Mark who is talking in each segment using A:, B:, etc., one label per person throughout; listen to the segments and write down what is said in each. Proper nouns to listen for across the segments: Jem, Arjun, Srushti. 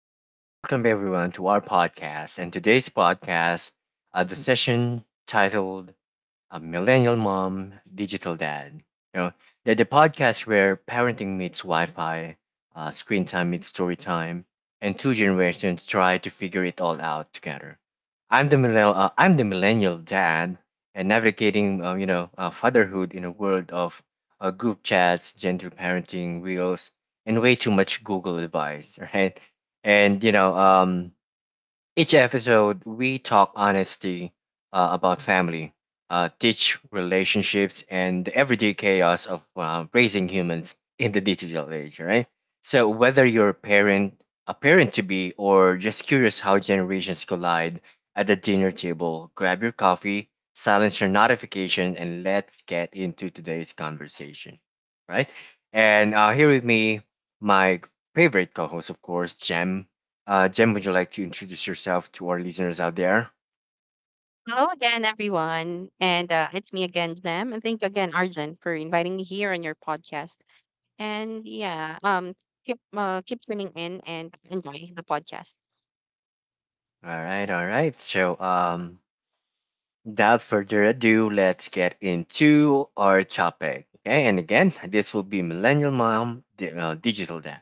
A: hello. Welcome everyone to our podcast. And today's podcast, the session titled a millennial mom, digital dad. You know, they're the podcast where parenting meets Wi-Fi, screen time meets story time, and two generations try to figure it all out together. I'm the millennial. I'm the millennial dad, and navigating, fatherhood in a world of group chats, gentle parenting wheels, and way too much Google advice. Right, and each episode, we talk honesty about family, teach relationships, and the everyday chaos of raising humans in the digital age, right? So, whether you're a parent to be, or just curious how generations collide at the dinner table, grab your coffee, silence your notification, and let's get into today's conversation, right? And here with me, my favorite co host, of course, Jem. Jen, would you like to introduce yourself to our listeners out there?
B: Hello again, everyone. And it's me again, Jem. And thank you again, Arjun, for inviting me here on your podcast. And yeah, keep keep tuning in and enjoy the podcast.
A: All right, all right. So, without further ado, let's get into our topic. Okay, and again, this will be Millennial Mom Digital Dad.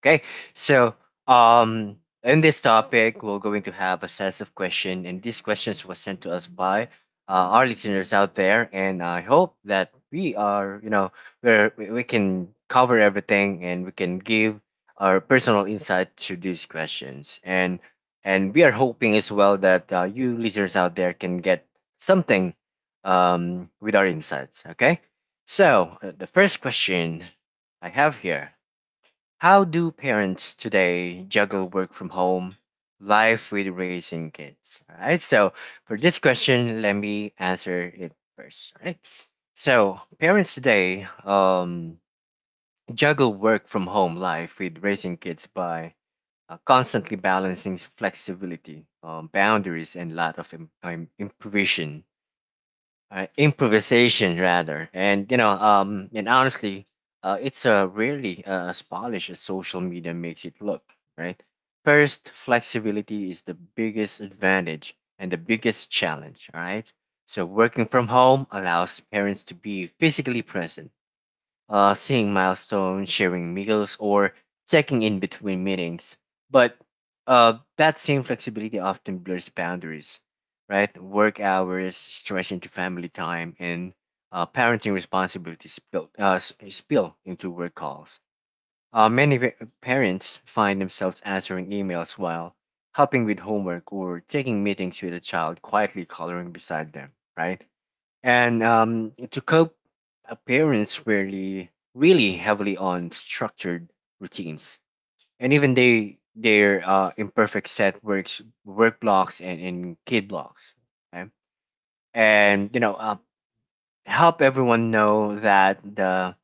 A: Okay, so um, in this topic, we're going to have a set of questions, and these questions were sent to us by our listeners out there, and I hope that we are, you know, where we can cover everything and we can give our personal insight to these questions, and we are hoping as well that you listeners out there can get something with our insights. Okay, so the first question I have here, how do parents today juggle work from home, life with raising kids? All right. So for this question, let me answer it first. All right. So parents today juggle work from home life with raising kids by constantly balancing flexibility, boundaries, and lot of improvisation, improvisation rather. And you know, and honestly, it's really, as polished as social media makes it look, right? First, flexibility is the biggest advantage and the biggest challenge. All right, so working from home allows parents to be physically present, seeing milestones, sharing meals, or checking in between meetings. But that same flexibility often blurs boundaries, right? Work hours stretch into family time, and parenting responsibilities spill, spill into work calls. Many parents find themselves answering emails while helping with homework or taking meetings with a child quietly coloring beside them, right? And to cope, parents rarely really heavily on structured routines, and even they their imperfect set work blocks and, kid blocks. Okay? And you know, help everyone know that the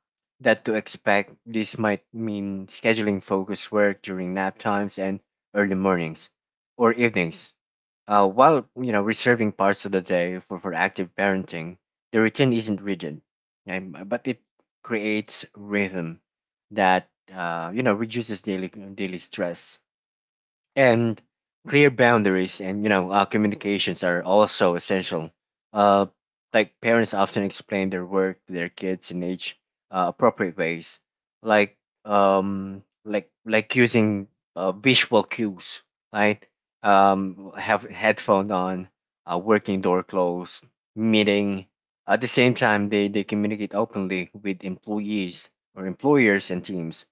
A: that to expect this might mean scheduling focus work during nap times and early mornings or evenings, while you know reserving parts of the day for active parenting. The routine isn't rigid, okay, but it creates rhythm that, you know, reduces daily stress. And clear boundaries and you know communications are also essential, uh, like parents often explain their work to their kids in age, appropriate ways, like, using visual cues, right? Um, have headphone on, working door closed, meeting. At the same time, they communicate openly with employees or employers and teams,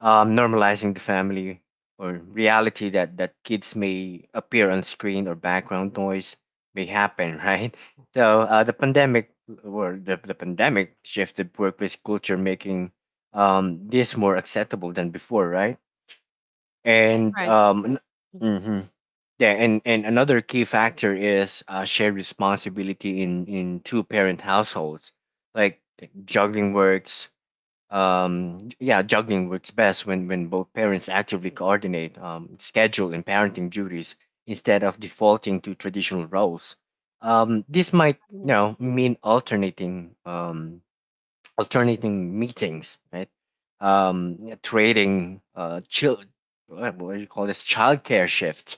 A: normalizing the family or reality that kids may appear on screen or background noise may happen, right? So the pandemic shifted workplace culture, making this more acceptable than before, right? And
B: Right.
A: mm-hmm. Yeah, and another key factor is shared responsibility in two parent households, like juggling works, yeah, juggling works best when both parents actively coordinate, schedule and parenting duties instead of defaulting to traditional roles. Um, this might, you
B: Mhm.
A: know, mean alternating, alternating meetings, right? Um, trading, chill what do you call this childcare shifts,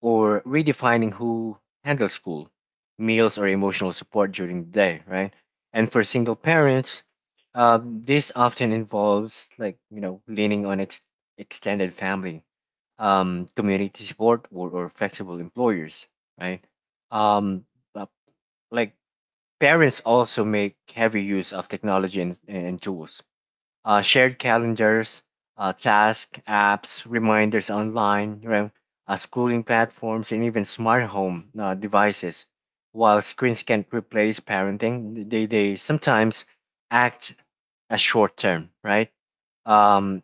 A: or redefining who handles school, meals, or emotional support during the day, right? And for single parents, this often involves, like, you know, leaning on extended family, community support, or flexible employers, right? Um, but, like parents also make heavy use of technology and tools: shared calendars, task apps, reminders online, schooling platforms, and even smart home devices. While screens can't replace parenting, they sometimes act as short term, right? Um,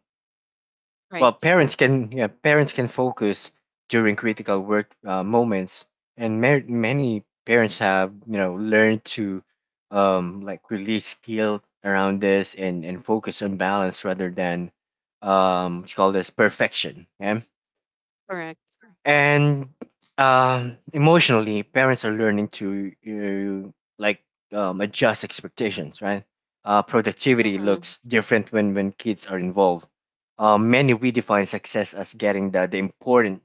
B: Right.
A: well parents can, yeah, parents can focus during critical work moments. And many parents have, you know, learned to, like release guilt around this and focus on balance rather than, what you call this perfection. Yeah.
B: Correct.
A: And emotionally parents are learning to uh, like adjust expectations, right? Uh, productivity
B: Hmm.
A: looks different when kids are involved. Many redefine success as getting the important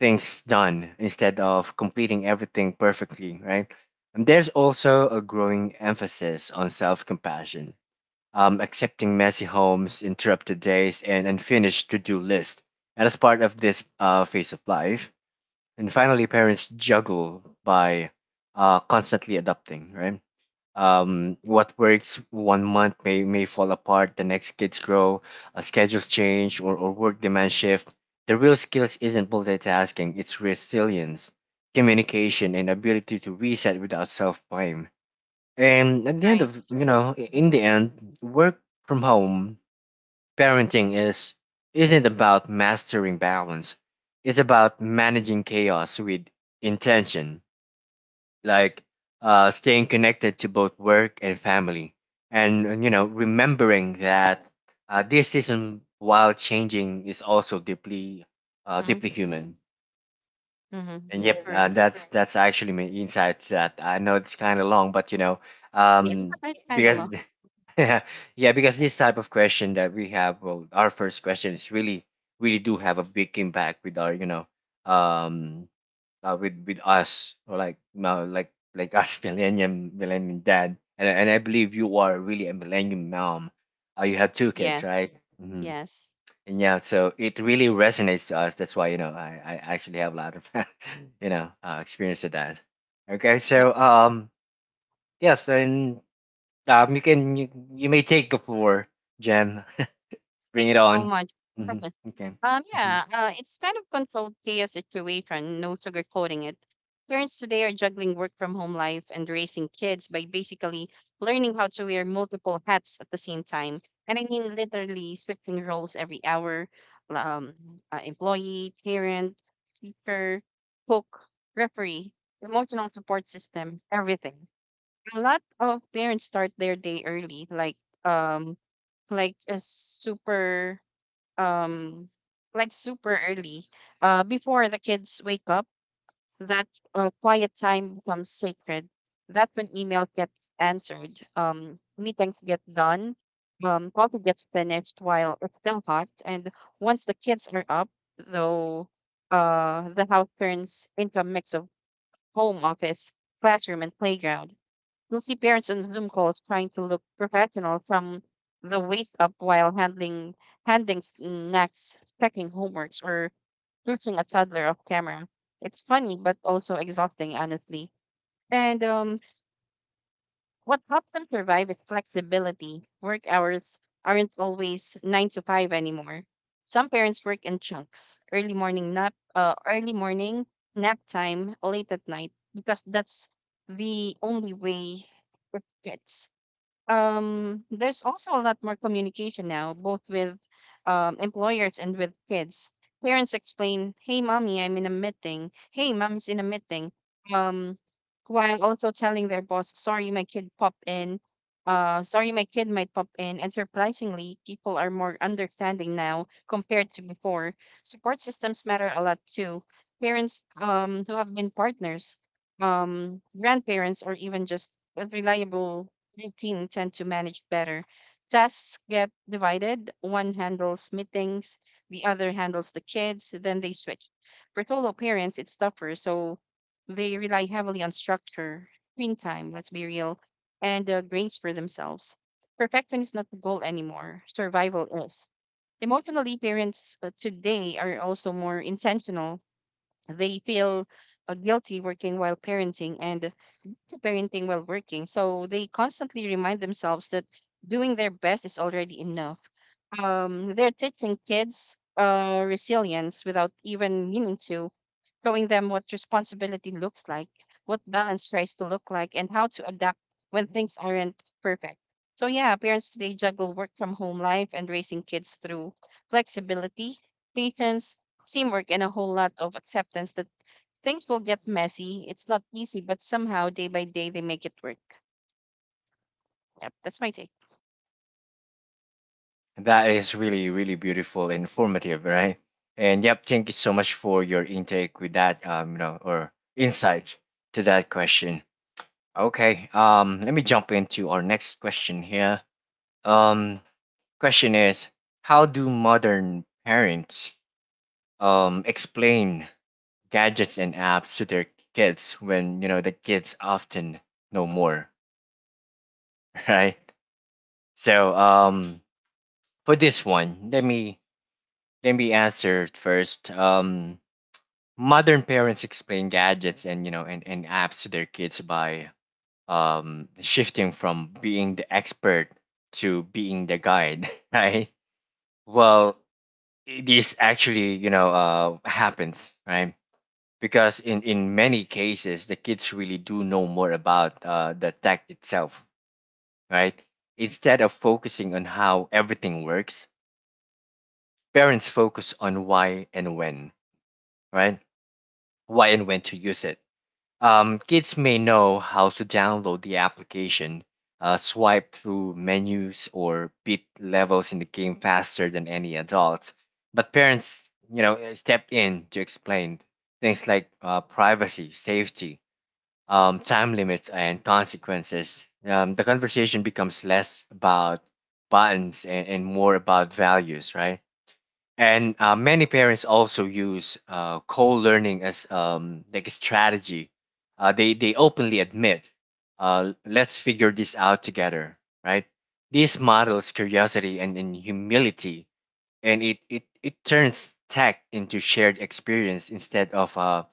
A: things done instead of completing everything perfectly, right? And there's also a growing emphasis on self-compassion, accepting messy homes, interrupted days, and unfinished to-do lists, and as part of this phase of life. And finally, parents juggle by constantly adapting, right? What works one month may fall apart, the next kids grow, schedules change, or work demand shift. The real skills isn't multitasking, it's resilience, communication, and ability to reset without self blame. And at the end
B: Right.
A: of, you know, in the end, work from home parenting is isn't about mastering balance. It's about managing chaos with intention, like staying connected to both work and family, and you know remembering that, this season, while changing, is also deeply,
B: Mm-hmm.
A: deeply human.
B: Hmm.
A: And
B: Yeah.
A: yep,
B: Correct.
A: that's actually my insight, to that I know it's kind of long, but you know,
B: Yeah.
A: um,
B: It's kind of
A: because
B: long.
A: yeah, because this type of question that we have, well, our first question is really, really do have a big impact with our, you know, um, with us, or like, no, like us, millennium dad, and I believe you are really a millennium mom. You have two kids, right?
B: Yes.
A: Hmm.
B: Yes.
A: And yeah, so it really resonates to us. That's why, you know, I actually have a lot of, you know, experience with that. Okay,
B: Yep.
A: so yes, and um, you can you, you may take the floor, Jem. Bring
B: Thank
A: it
B: you so
A: on.
B: much.
A: Hmm. Okay. Hmm.
B: Yeah, it's kind of controlled chaos situation, no sugarcoating it. Parents today are juggling work from home life and raising kids by basically learning how to wear multiple hats at the same time. And I mean, literally switching roles every hour, um, employee, parent, teacher, cook, referee, emotional support system, everything. A lot of parents start their day early, um, like a super um like super early before the kids wake up, so that quiet time becomes sacred. That's when email gets answered, meetings get done, coffee gets finished while it's still hot. And once the kids are up, though, the house turns into a mix of home office, classroom, and playground. You'll see parents on Zoom calls trying to look professional from the waist up while handling handing snacks, checking homeworks, or pushing a toddler off camera. It's funny, but also exhausting, honestly. And what helps them survive is flexibility. Work hours aren't always nine to five anymore. Some parents work in chunks: early morning nap time, late at night, because that's the only way it fits. There's also a lot more communication now, both with employers and with kids. Parents explain, hey, mom's in a meeting, um while also telling their boss, sorry, my kid might pop in. And surprisingly, people are more understanding now compared to before. Support systems matter a lot too. Parents who have been partners, grandparents, or even just reliable 19 tend to manage better. Tasks get divided. One handles meetings, the other handles the kids, then they switch. For solo parents, it's tougher, so they rely heavily on structure, screen time, let's be real, and grace for themselves. Perfection is not the goal anymore, survival is. Emotionally, parents today are also more intentional. They feel guilty working while parenting and to parenting while working, so they constantly remind themselves that doing their best is already enough. They're teaching kids resilience without even meaning to, showing them what responsibility looks like, what balance tries to look like, and how to adapt when things aren't perfect. So yeah, parents today juggle work from home life and raising kids through flexibility, patience, teamwork, and a whole lot of acceptance that things will get messy. It's not easy, but somehow day by day they make it work. Yep, that's my take.
A: That is really really beautiful and informative, right? And yep, thank you so much for your intake with that, um, you know, or insight to that question. Okay. Let me jump into our next question here. Um, question is, how do modern parents explain gadgets and apps to their kids when, you know, the kids often know more? Right? So for this one, let me answer it first. Um, modern parents explain gadgets and, you know, and apps to their kids by shifting from being the expert to being the guide, right? Well, this actually, you know, happens, right? Because in many cases the kids really do know more about the tech itself, right? Instead of focusing on how everything works, parents focus on why and when, right? Why and when to use it. Kids may know how to download the application, swipe through menus, or beat levels in the game faster than any adults. But parents, you know, step in to explain things like privacy, safety, time limits, and consequences. The conversation becomes less about buttons and more about values, right? And many parents also use co-learning as, like, a strategy. They openly admit, let's figure this out together, right? This models curiosity and humility, and it turns tech into shared experience instead of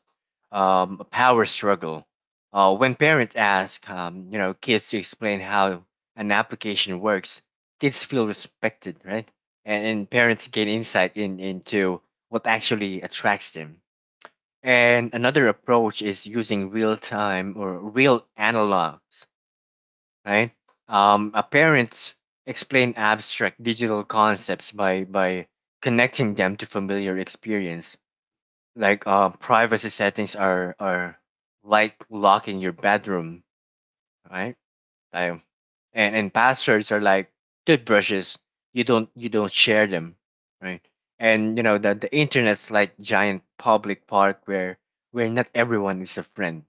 A: a power struggle. When parents ask, you know, kids to explain how an application works, kids feel respected, right? And parents gain insight in into what actually attracts them. And another approach is using real time or real analogs, right? Parents explain abstract digital concepts by connecting them to familiar experience, like privacy settings are like locking your bedroom, right? Like, and passwords are like toothbrushes. You don't share them, right? And you know the internet's like giant public park where not everyone is a friend,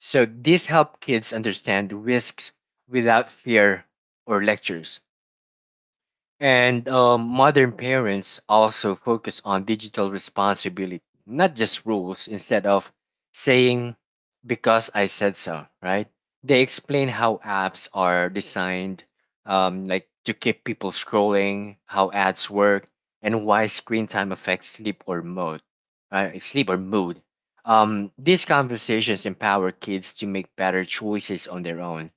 A: so this helps kids understand risks without fear or lectures. And modern parents also focus on digital responsibility, not just rules. Instead of saying, because I said so, right? They explain how apps are designed, like to keep people scrolling, how ads work, and why screen time affects sleep or mood. These conversations empower kids to make better choices on their own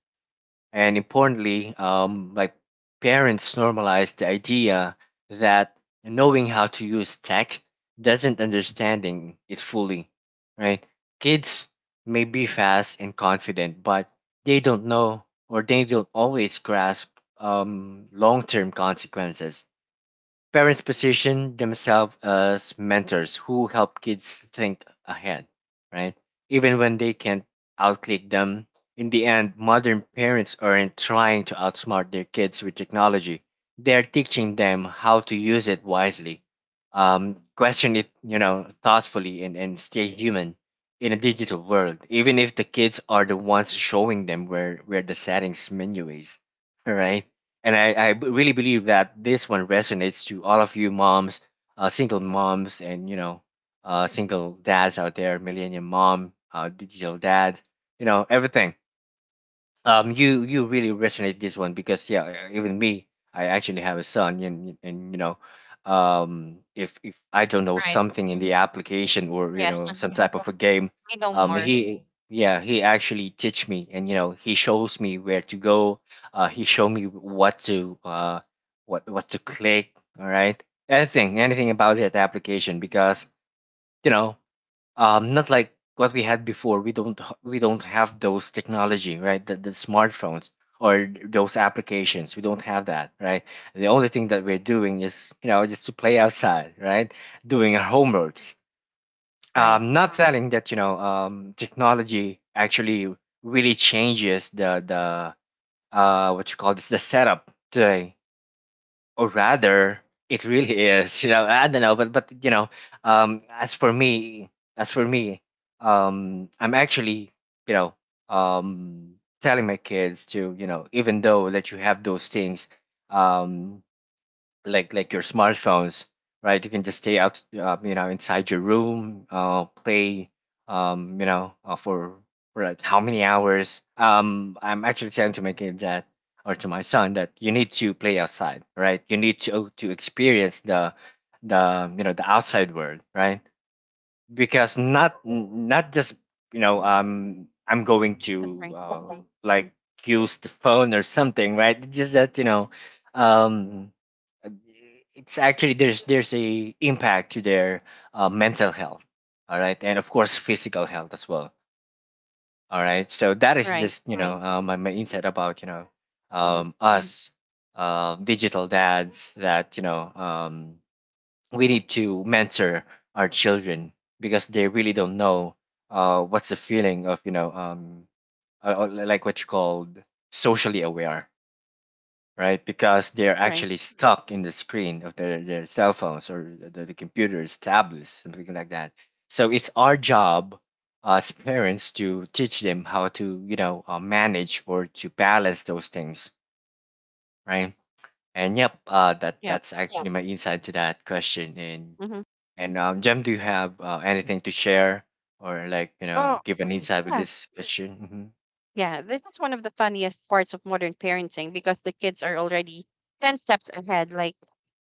A: and importantly, parents normalize the idea that knowing how to use tech doesn't understanding it fully, right? Kids may be fast and confident, but they don't know or they don't always grasp long-term consequences. Parents position themselves as mentors who help kids think ahead, right? Even when they can't outclick them. In the end, modern parents aren't trying to outsmart their kids with technology. They're teaching them how to use it wisely, question it, thoughtfully, and stay human in a digital world. Even if the kids are the ones showing them where the settings menu is, right? I really believe that this one resonates to all of you moms, single moms, and you know, single dads out there, millennial mom, digital dad, you know, everything. You really resonate this one because yeah, even me, I actually have a son, and you know, if I don't know
B: Right.
A: something in the application or you
B: Yeah.
A: know some type of a game
B: We know more.
A: he Yeah, he actually teach me, and you know, he shows me where to go. He show me what to what what to click. All right, anything about that application because you know, not like what we had before. We don't have those technology, right? The smartphones or those applications. We don't have that, right? The only thing that we're doing is you know just to play outside, right? Doing our homeworks.
B: Right.
A: Not telling that you know technology actually really changes the what you call this, the setup today, or rather, it really is you know, I don't know, but you know, as for me, as for me, I'm actually, you know, um telling my kids to, you know, even though that you have those things, um like your smartphones, right? You can just stay out, you know, inside your room, play, you know, for like how many hours? I'm actually trying to make it that, or to my son, that you need to play outside, right? You need to experience the you know the outside world, right? Because not just you know I'm going to
B: That's right. Hmm.
A: like use the phone or something, right? It's just that you know um uh, it's actually there's a impact to their mental health, all right, and of course physical health as well. All right, so that is
B: Right.
A: just you know, right, my insight about you know
B: Hmm.
A: us digital dads, that you know, we need to mentor our children because they really don't know what's the feeling of you know like what you called socially aware, right? Because they're
B: Right.
A: actually stuck in the screen of their cell phones or the computers, tablets, something like that. So it's our job as parents to teach them how to, you know, manage or to balance those things, right? And yep, uh, that
B: Yep.
A: that's yeah, actually my insight to that question. And
B: Hmm.
A: and um, Jem, do you have anything to share or like you know
B: Well,
A: give an insight with
B: yeah.
A: this question? Mm-hmm.
B: Yeah, this is one of the funniest parts of modern parenting because the kids are already 10 steps ahead. Like,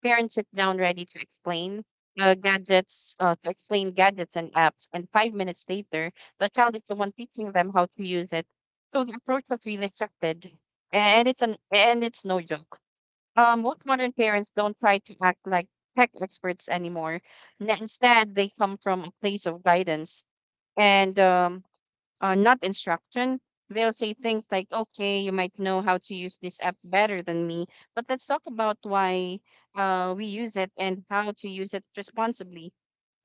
B: parents sit down ready to explain gadgets and apps, and 5 minutes later, the child is the one teaching them how to use it. So the approach has really shifted, and it's no joke. Most modern parents don't try to act like tech experts anymore. Instead, they come from a place of guidance and, not instruction. They'll say things like, okay, you might know how to use this app better than me, but let's talk about why we use it and how to use it responsibly.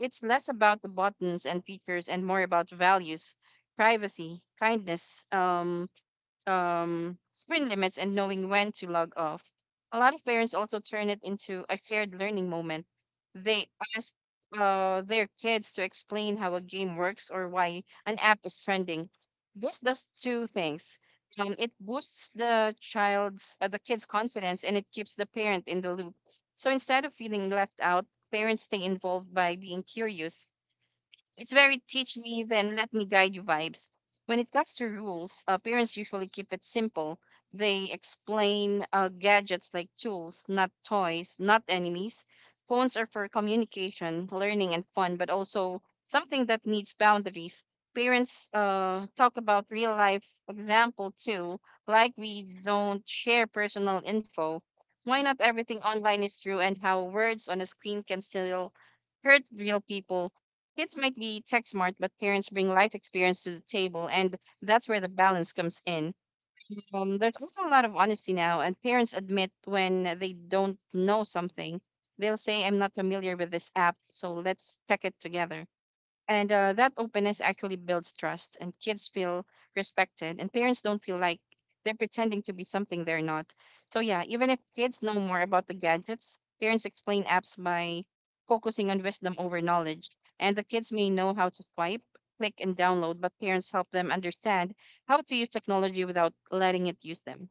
B: It's less about the buttons and features and more about values, privacy, kindness, screen limits, and knowing when to log off. A lot of parents also turn it into a shared learning moment. They ask their kids to explain how a game works or why an app is trending. This does two things. It boosts the kid's confidence, and it keeps the parent in the loop. So instead of feeling left out, parents stay involved by being curious. It's very teach me, then let me guide you vibes. When it comes to rules, parents usually keep it simple. They explain gadgets like tools, not toys, not enemies. Phones are for communication, learning, and fun, but also something that needs boundaries. Parents talk about real life example too, like, we don't share personal info, why not everything online is true, and how words on a screen can still hurt real people. Kids might be tech smart, but parents bring life experience to the table, and that's where the balance comes in. There's also a lot of honesty now, and parents admit when they don't know something. They'll say, I'm not familiar with this app, so let's check it together. And that openness actually builds trust, and kids feel respected, and parents don't feel like they're pretending to be something they're not. So yeah, even if kids know more about the gadgets, parents explain apps by focusing on wisdom over knowledge. And the kids may know how to swipe, click, and download, but parents help them understand how to use technology without letting it use them.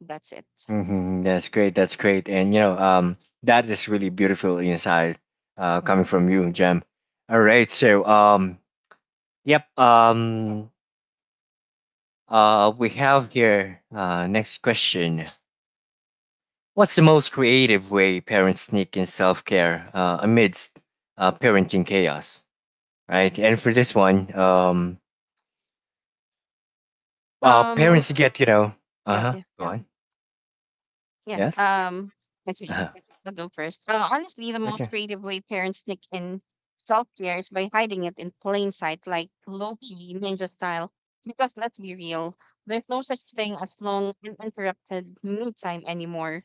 B: That's it.
A: Mm-hmm. That's great. That's great. And you know, that is really beautiful insight, coming from you, Jem. All right. So, yep. Um, we have here, next question. What's the most creative way parents sneak in self-care, amidst, parenting chaos, right? And for this one,
B: Um,
A: parents get, you know.
B: yeah,
A: Uh-huh,
B: okay.
A: go on.
B: Yeah.
A: Yes.
B: Okay.
A: Uh-huh.
B: I'll go first. Honestly, the most
A: Okay.
B: creative way parents sneak in self care is by hiding it in plain sight, like low key ninja style. Because let's be real, there's no such thing as long uninterrupted me time anymore.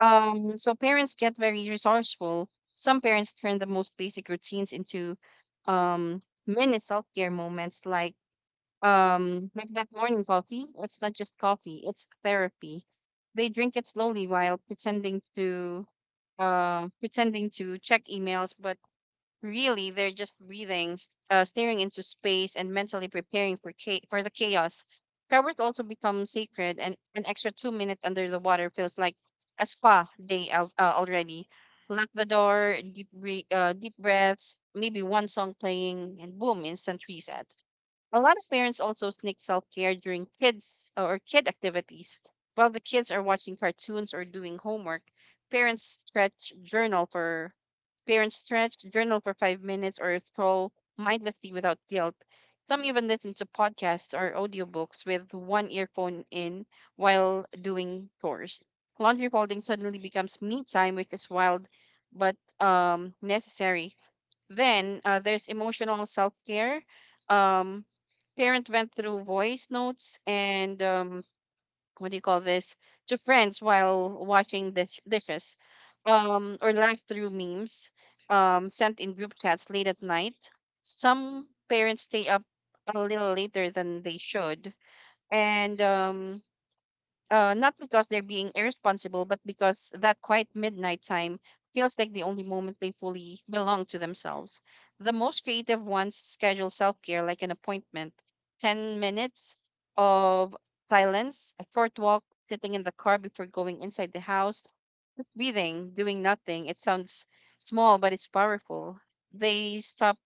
B: So parents get very resourceful. Some parents turn the most basic routines into um mini self care moments, like that morning coffee. It's not just coffee, it's therapy. They drink it slowly while pretending to check emails, but really they're just breathing, staring into space and mentally preparing for for the chaos. Showers also become sacred, and an extra 2 minutes under the water feels like a spa day al already. Lock the door, deep breaths, maybe one song playing, and boom, instant reset. A lot of parents also sneak self care during kid activities. While the kids are watching cartoons or doing homework, parents stretch journal for parents stretch, journal for 5 minutes, or scroll mindlessly without guilt. Some even listen to podcasts or audiobooks with one earphone in while doing chores. Laundry folding suddenly becomes me time, which is wild but necessary. Then there's emotional self care. Um, parent went through voice notes and, what do you call this to friends while washing dishes, or laughed through memes sent in group chats late at night. Some parents stay up a little later than they should, and not because they're being irresponsible, but because that quiet midnight time feels like the only moment they fully belong to themselves. The most creative ones schedule self care like an appointment: 10 minutes of silence, a short walk, sitting in the car before going inside the house, just breathing, doing nothing. It sounds small, but it's powerful. They stop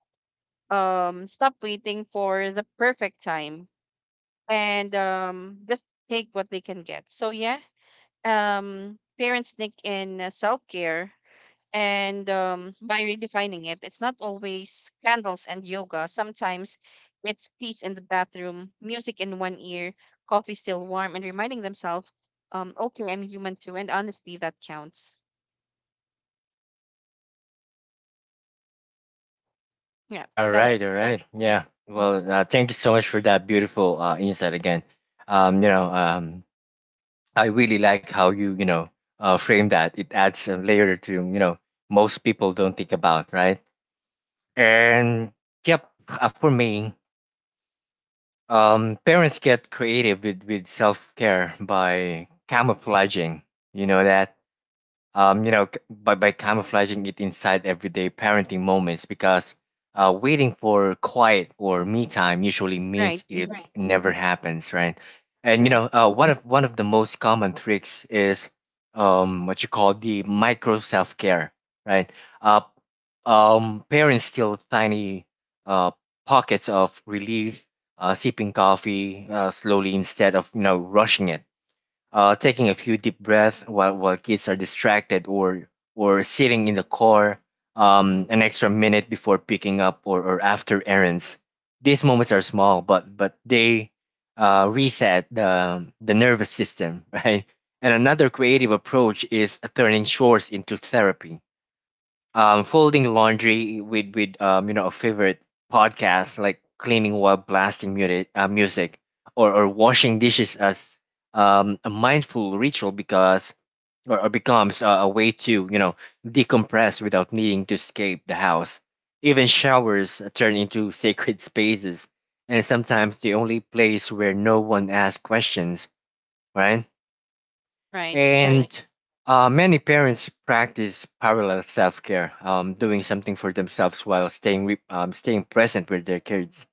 B: um stop waiting for the perfect time and just take what they can get. So yeah, parents sneak in self care and by redefining it. It's not always candles and yoga. Sometimes it's peace in the bathroom, music in one ear, coffee still warm, and reminding themselves, okay, I'm human too, and honestly, that counts. Yeah,
A: All right,
B: that's —
A: all right.
B: Mhm.
A: Yeah. Well, thank you so much for that beautiful insight again. Um, you know, um, I really like how you, you know, frame that. It adds a layer to, you know, most people don't think about, right? And yep, for me, parents get creative with self care by camouflaging, you know, that by camouflaging it inside everyday parenting moments, because waiting for quiet or me time usually
B: Right.
A: means it
B: Hmm.
A: never happens, right? And you
B: Right.
A: know, one of the most common tricks is what you call the micro self care, right? Uh, Parents steal tiny uh, pockets of relief, sipping coffee slowly instead of you know rushing it, taking a few deep breaths while kids are distracted, or sitting in the car an extra minute before picking up, or after errands. These moments are small, but they reset the nervous system, right? And another creative approach is turning chores into therapy, folding laundry with you know a favorite podcast, like cleaning while blasting music, or washing dishes as a mindful ritual, because or becomes a way to you know decompress without needing to escape the house. Even showers turn into sacred spaces, and sometimes the only place where no one asks questions, right?
B: Right. Right.
A: And many parents practice parallel self care, doing something for themselves while staying present with their kids.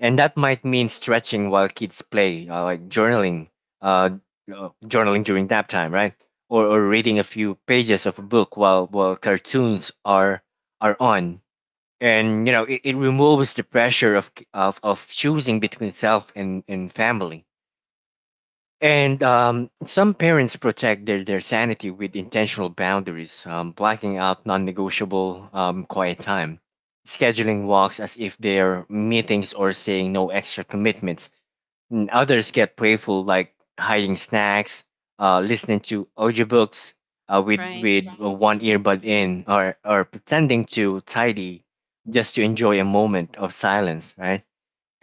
A: And that might mean stretching while kids play, like journaling, uh, journaling during nap time, right? Or reading a few pages of a book while cartoons are on. And you know, it removes the pressure of choosing between self and family, and some parents protect their sanity with intentional boundaries, blocking out non negotiable quiet time, scheduling walks as if they're meetings, or saying no extra commitments. And others get playful, like hiding snacks, listening to audiobooks uh, with,
B: Right.
A: with uh, one
B: Hmm.
A: earbud in, or pretending to tidy just to enjoy a moment of silence, right?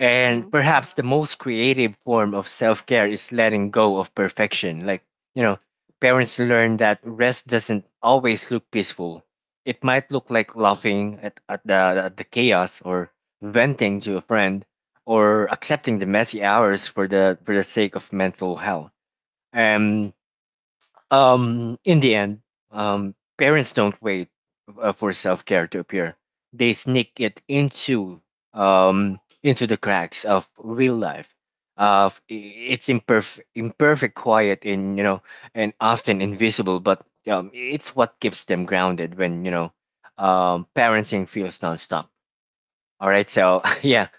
A: And
B: Hmm.
A: perhaps the most creative form of self care is letting go of perfection. Like, you know, parents learn that rest doesn't always look peaceful. It might look like laughing at, at the chaos, or venting to a friend, or accepting the messy hours for the sake of mental health. Um, in the end, parents don't wait for self care to appear. They sneak it into the cracks of real life, of I- its imperfect, imperfect, quiet, and you know, and often invisible. But it's what keeps them grounded when you know, parenting feels nonstop. All right, so yeah,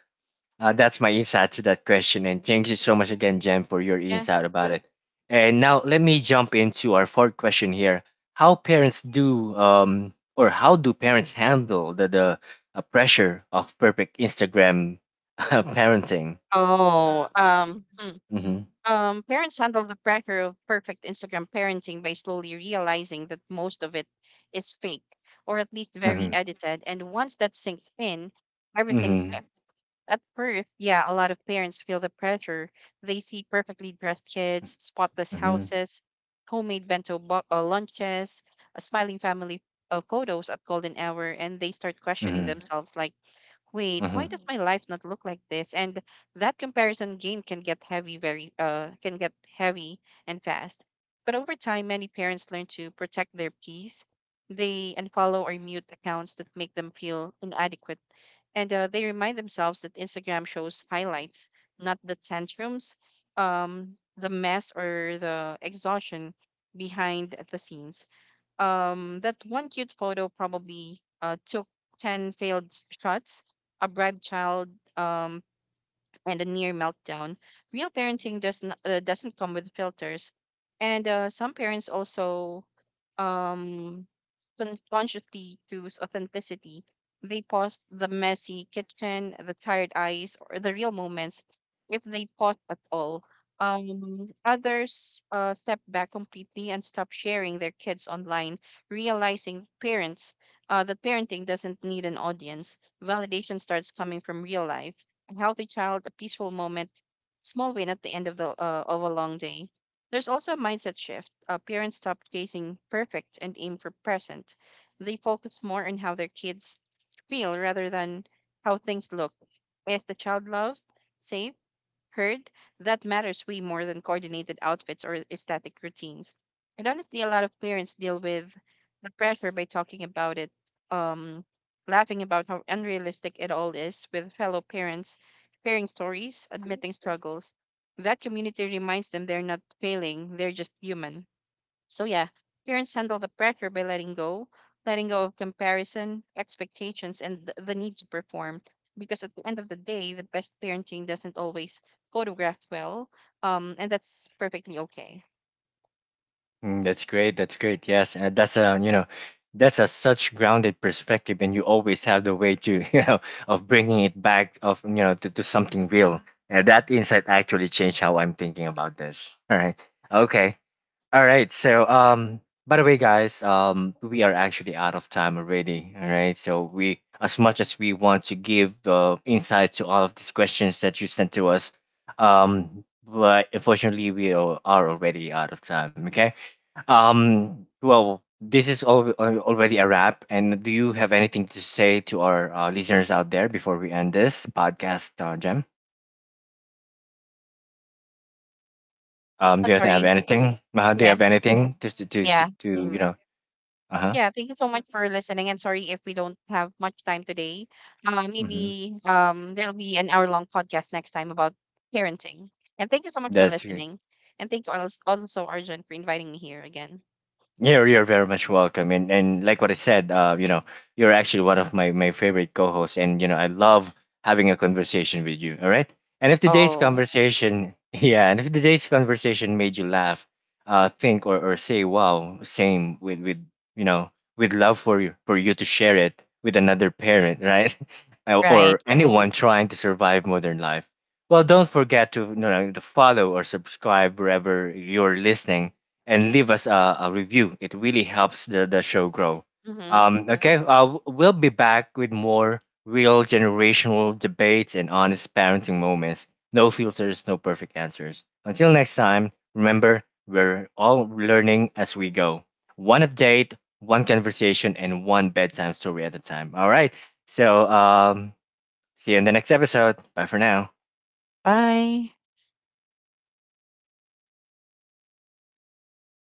A: that's my insight to that question. And thank you so much again, Jen, for your
B: Yeah.
A: insight about it. And now let me jump into our fourth question here. How parents do, or how do parents handle the pressure of perfect Instagram parenting?
B: Oh,
A: Mm-hmm.
B: Parents handle the pressure of perfect Instagram parenting by slowly realizing that most of it is fake, or at least very
A: Mm-hmm.
B: edited. And once that sinks in, everything
A: Mm-hmm.
B: shifts. At first, yeah, a lot of parents feel the pressure. They see perfectly dressed kids, spotless
A: Mm-hmm.
B: houses, lunches, a smiling family, photos at golden hour, and they start questioning
A: Mm-hmm.
B: themselves like, wait, why
A: Mm-hmm.
B: does my life not look like this? And that comparison game can get heavy very can get heavy and fast. But over time, many parents learn to protect their peace. They unfollow or mute accounts that make them feel inadequate, and they remind themselves that Instagram shows highlights, not the tantrums, the mess, or the exhaustion behind the scenes. That one cute photo probably took 10 failed shots, a bribed child, um, and a near meltdown. Real parenting does not, doesn't come with filters. And some parents also um, consciously choose authenticity. They post the messy kitchen, the tired eyes, or the real moments, if they post at all. Others step back completely and stop sharing their kids online, realizing parents that parenting doesn't need an audience. Validation starts coming from real life: a healthy child, a peaceful moment, small win at the end of the of a long day. There's also a mindset shift. Parents stop chasing perfect and aim for present. They focus more on how their kids feel rather than how things look. Is the child loved, safe, heard? That matters way more than coordinated outfits or aesthetic routines. And honestly, a lot of parents deal with the pressure by talking about it, um, laughing about how unrealistic it all is with fellow parents, sharing stories, admitting struggles. That community reminds them they're not failing, they're just human. So yeah, parents handle the pressure by letting go of comparison, expectations, and the need to perform. Because at the end of the day, the best parenting doesn't always photograph well, and that's perfectly okay.
A: Mm, that's great. That's great. Yes, and that's a you know, that's a such grounded perspective, and you always have the way to you know of bringing it back of you know to something real. And that insight actually changed how I'm thinking about this. All right. Okay. All right. So by the way, guys, we are actually out of time already. All right. So we, as much as we want to give insight to all of these questions that you sent to us, but unfortunately we are already out of time. Okay. Well, this is all already a wrap. And do you have anything to say to our listeners out there before we end this podcast, Jem?
B: Ah,
A: Do you have
B: sorry.
A: anything? Do you
B: Yeah,
A: have anything just
B: yeah,
A: to you know? Uh huh.
B: yeah. Thank you so much for listening, and sorry if we don't have much time today.
A: Mm-hmm.
B: Maybe there'll be an hour-long podcast next time about parenting. And thank you so much for
A: That's.
B: listening, and thank you also Arjun for inviting me here again.
A: You're very much welcome, and like what I said, you know, you're actually one of my my favorite co-hosts, and you know, I love having a conversation with you. All right, and if today's
B: Oh,
A: conversation, yeah, and if today's conversation made you laugh, think, or say wow, same with you know, with love for you to share it with another parent, right,
B: right.
A: or anyone trying to survive modern life. Well, don't forget to you know to follow or subscribe wherever you're listening, and leave us a review. It really helps the show grow.
B: Mhm.
A: Okay, we'll be back with more real generational debates and honest parenting moments. No filters, no perfect answers. Until next time, remember, we're all learning as we go. One update, one conversation, and one bedtime story at a time. All right, so see you in the next episode. Bye for now.
B: Bye.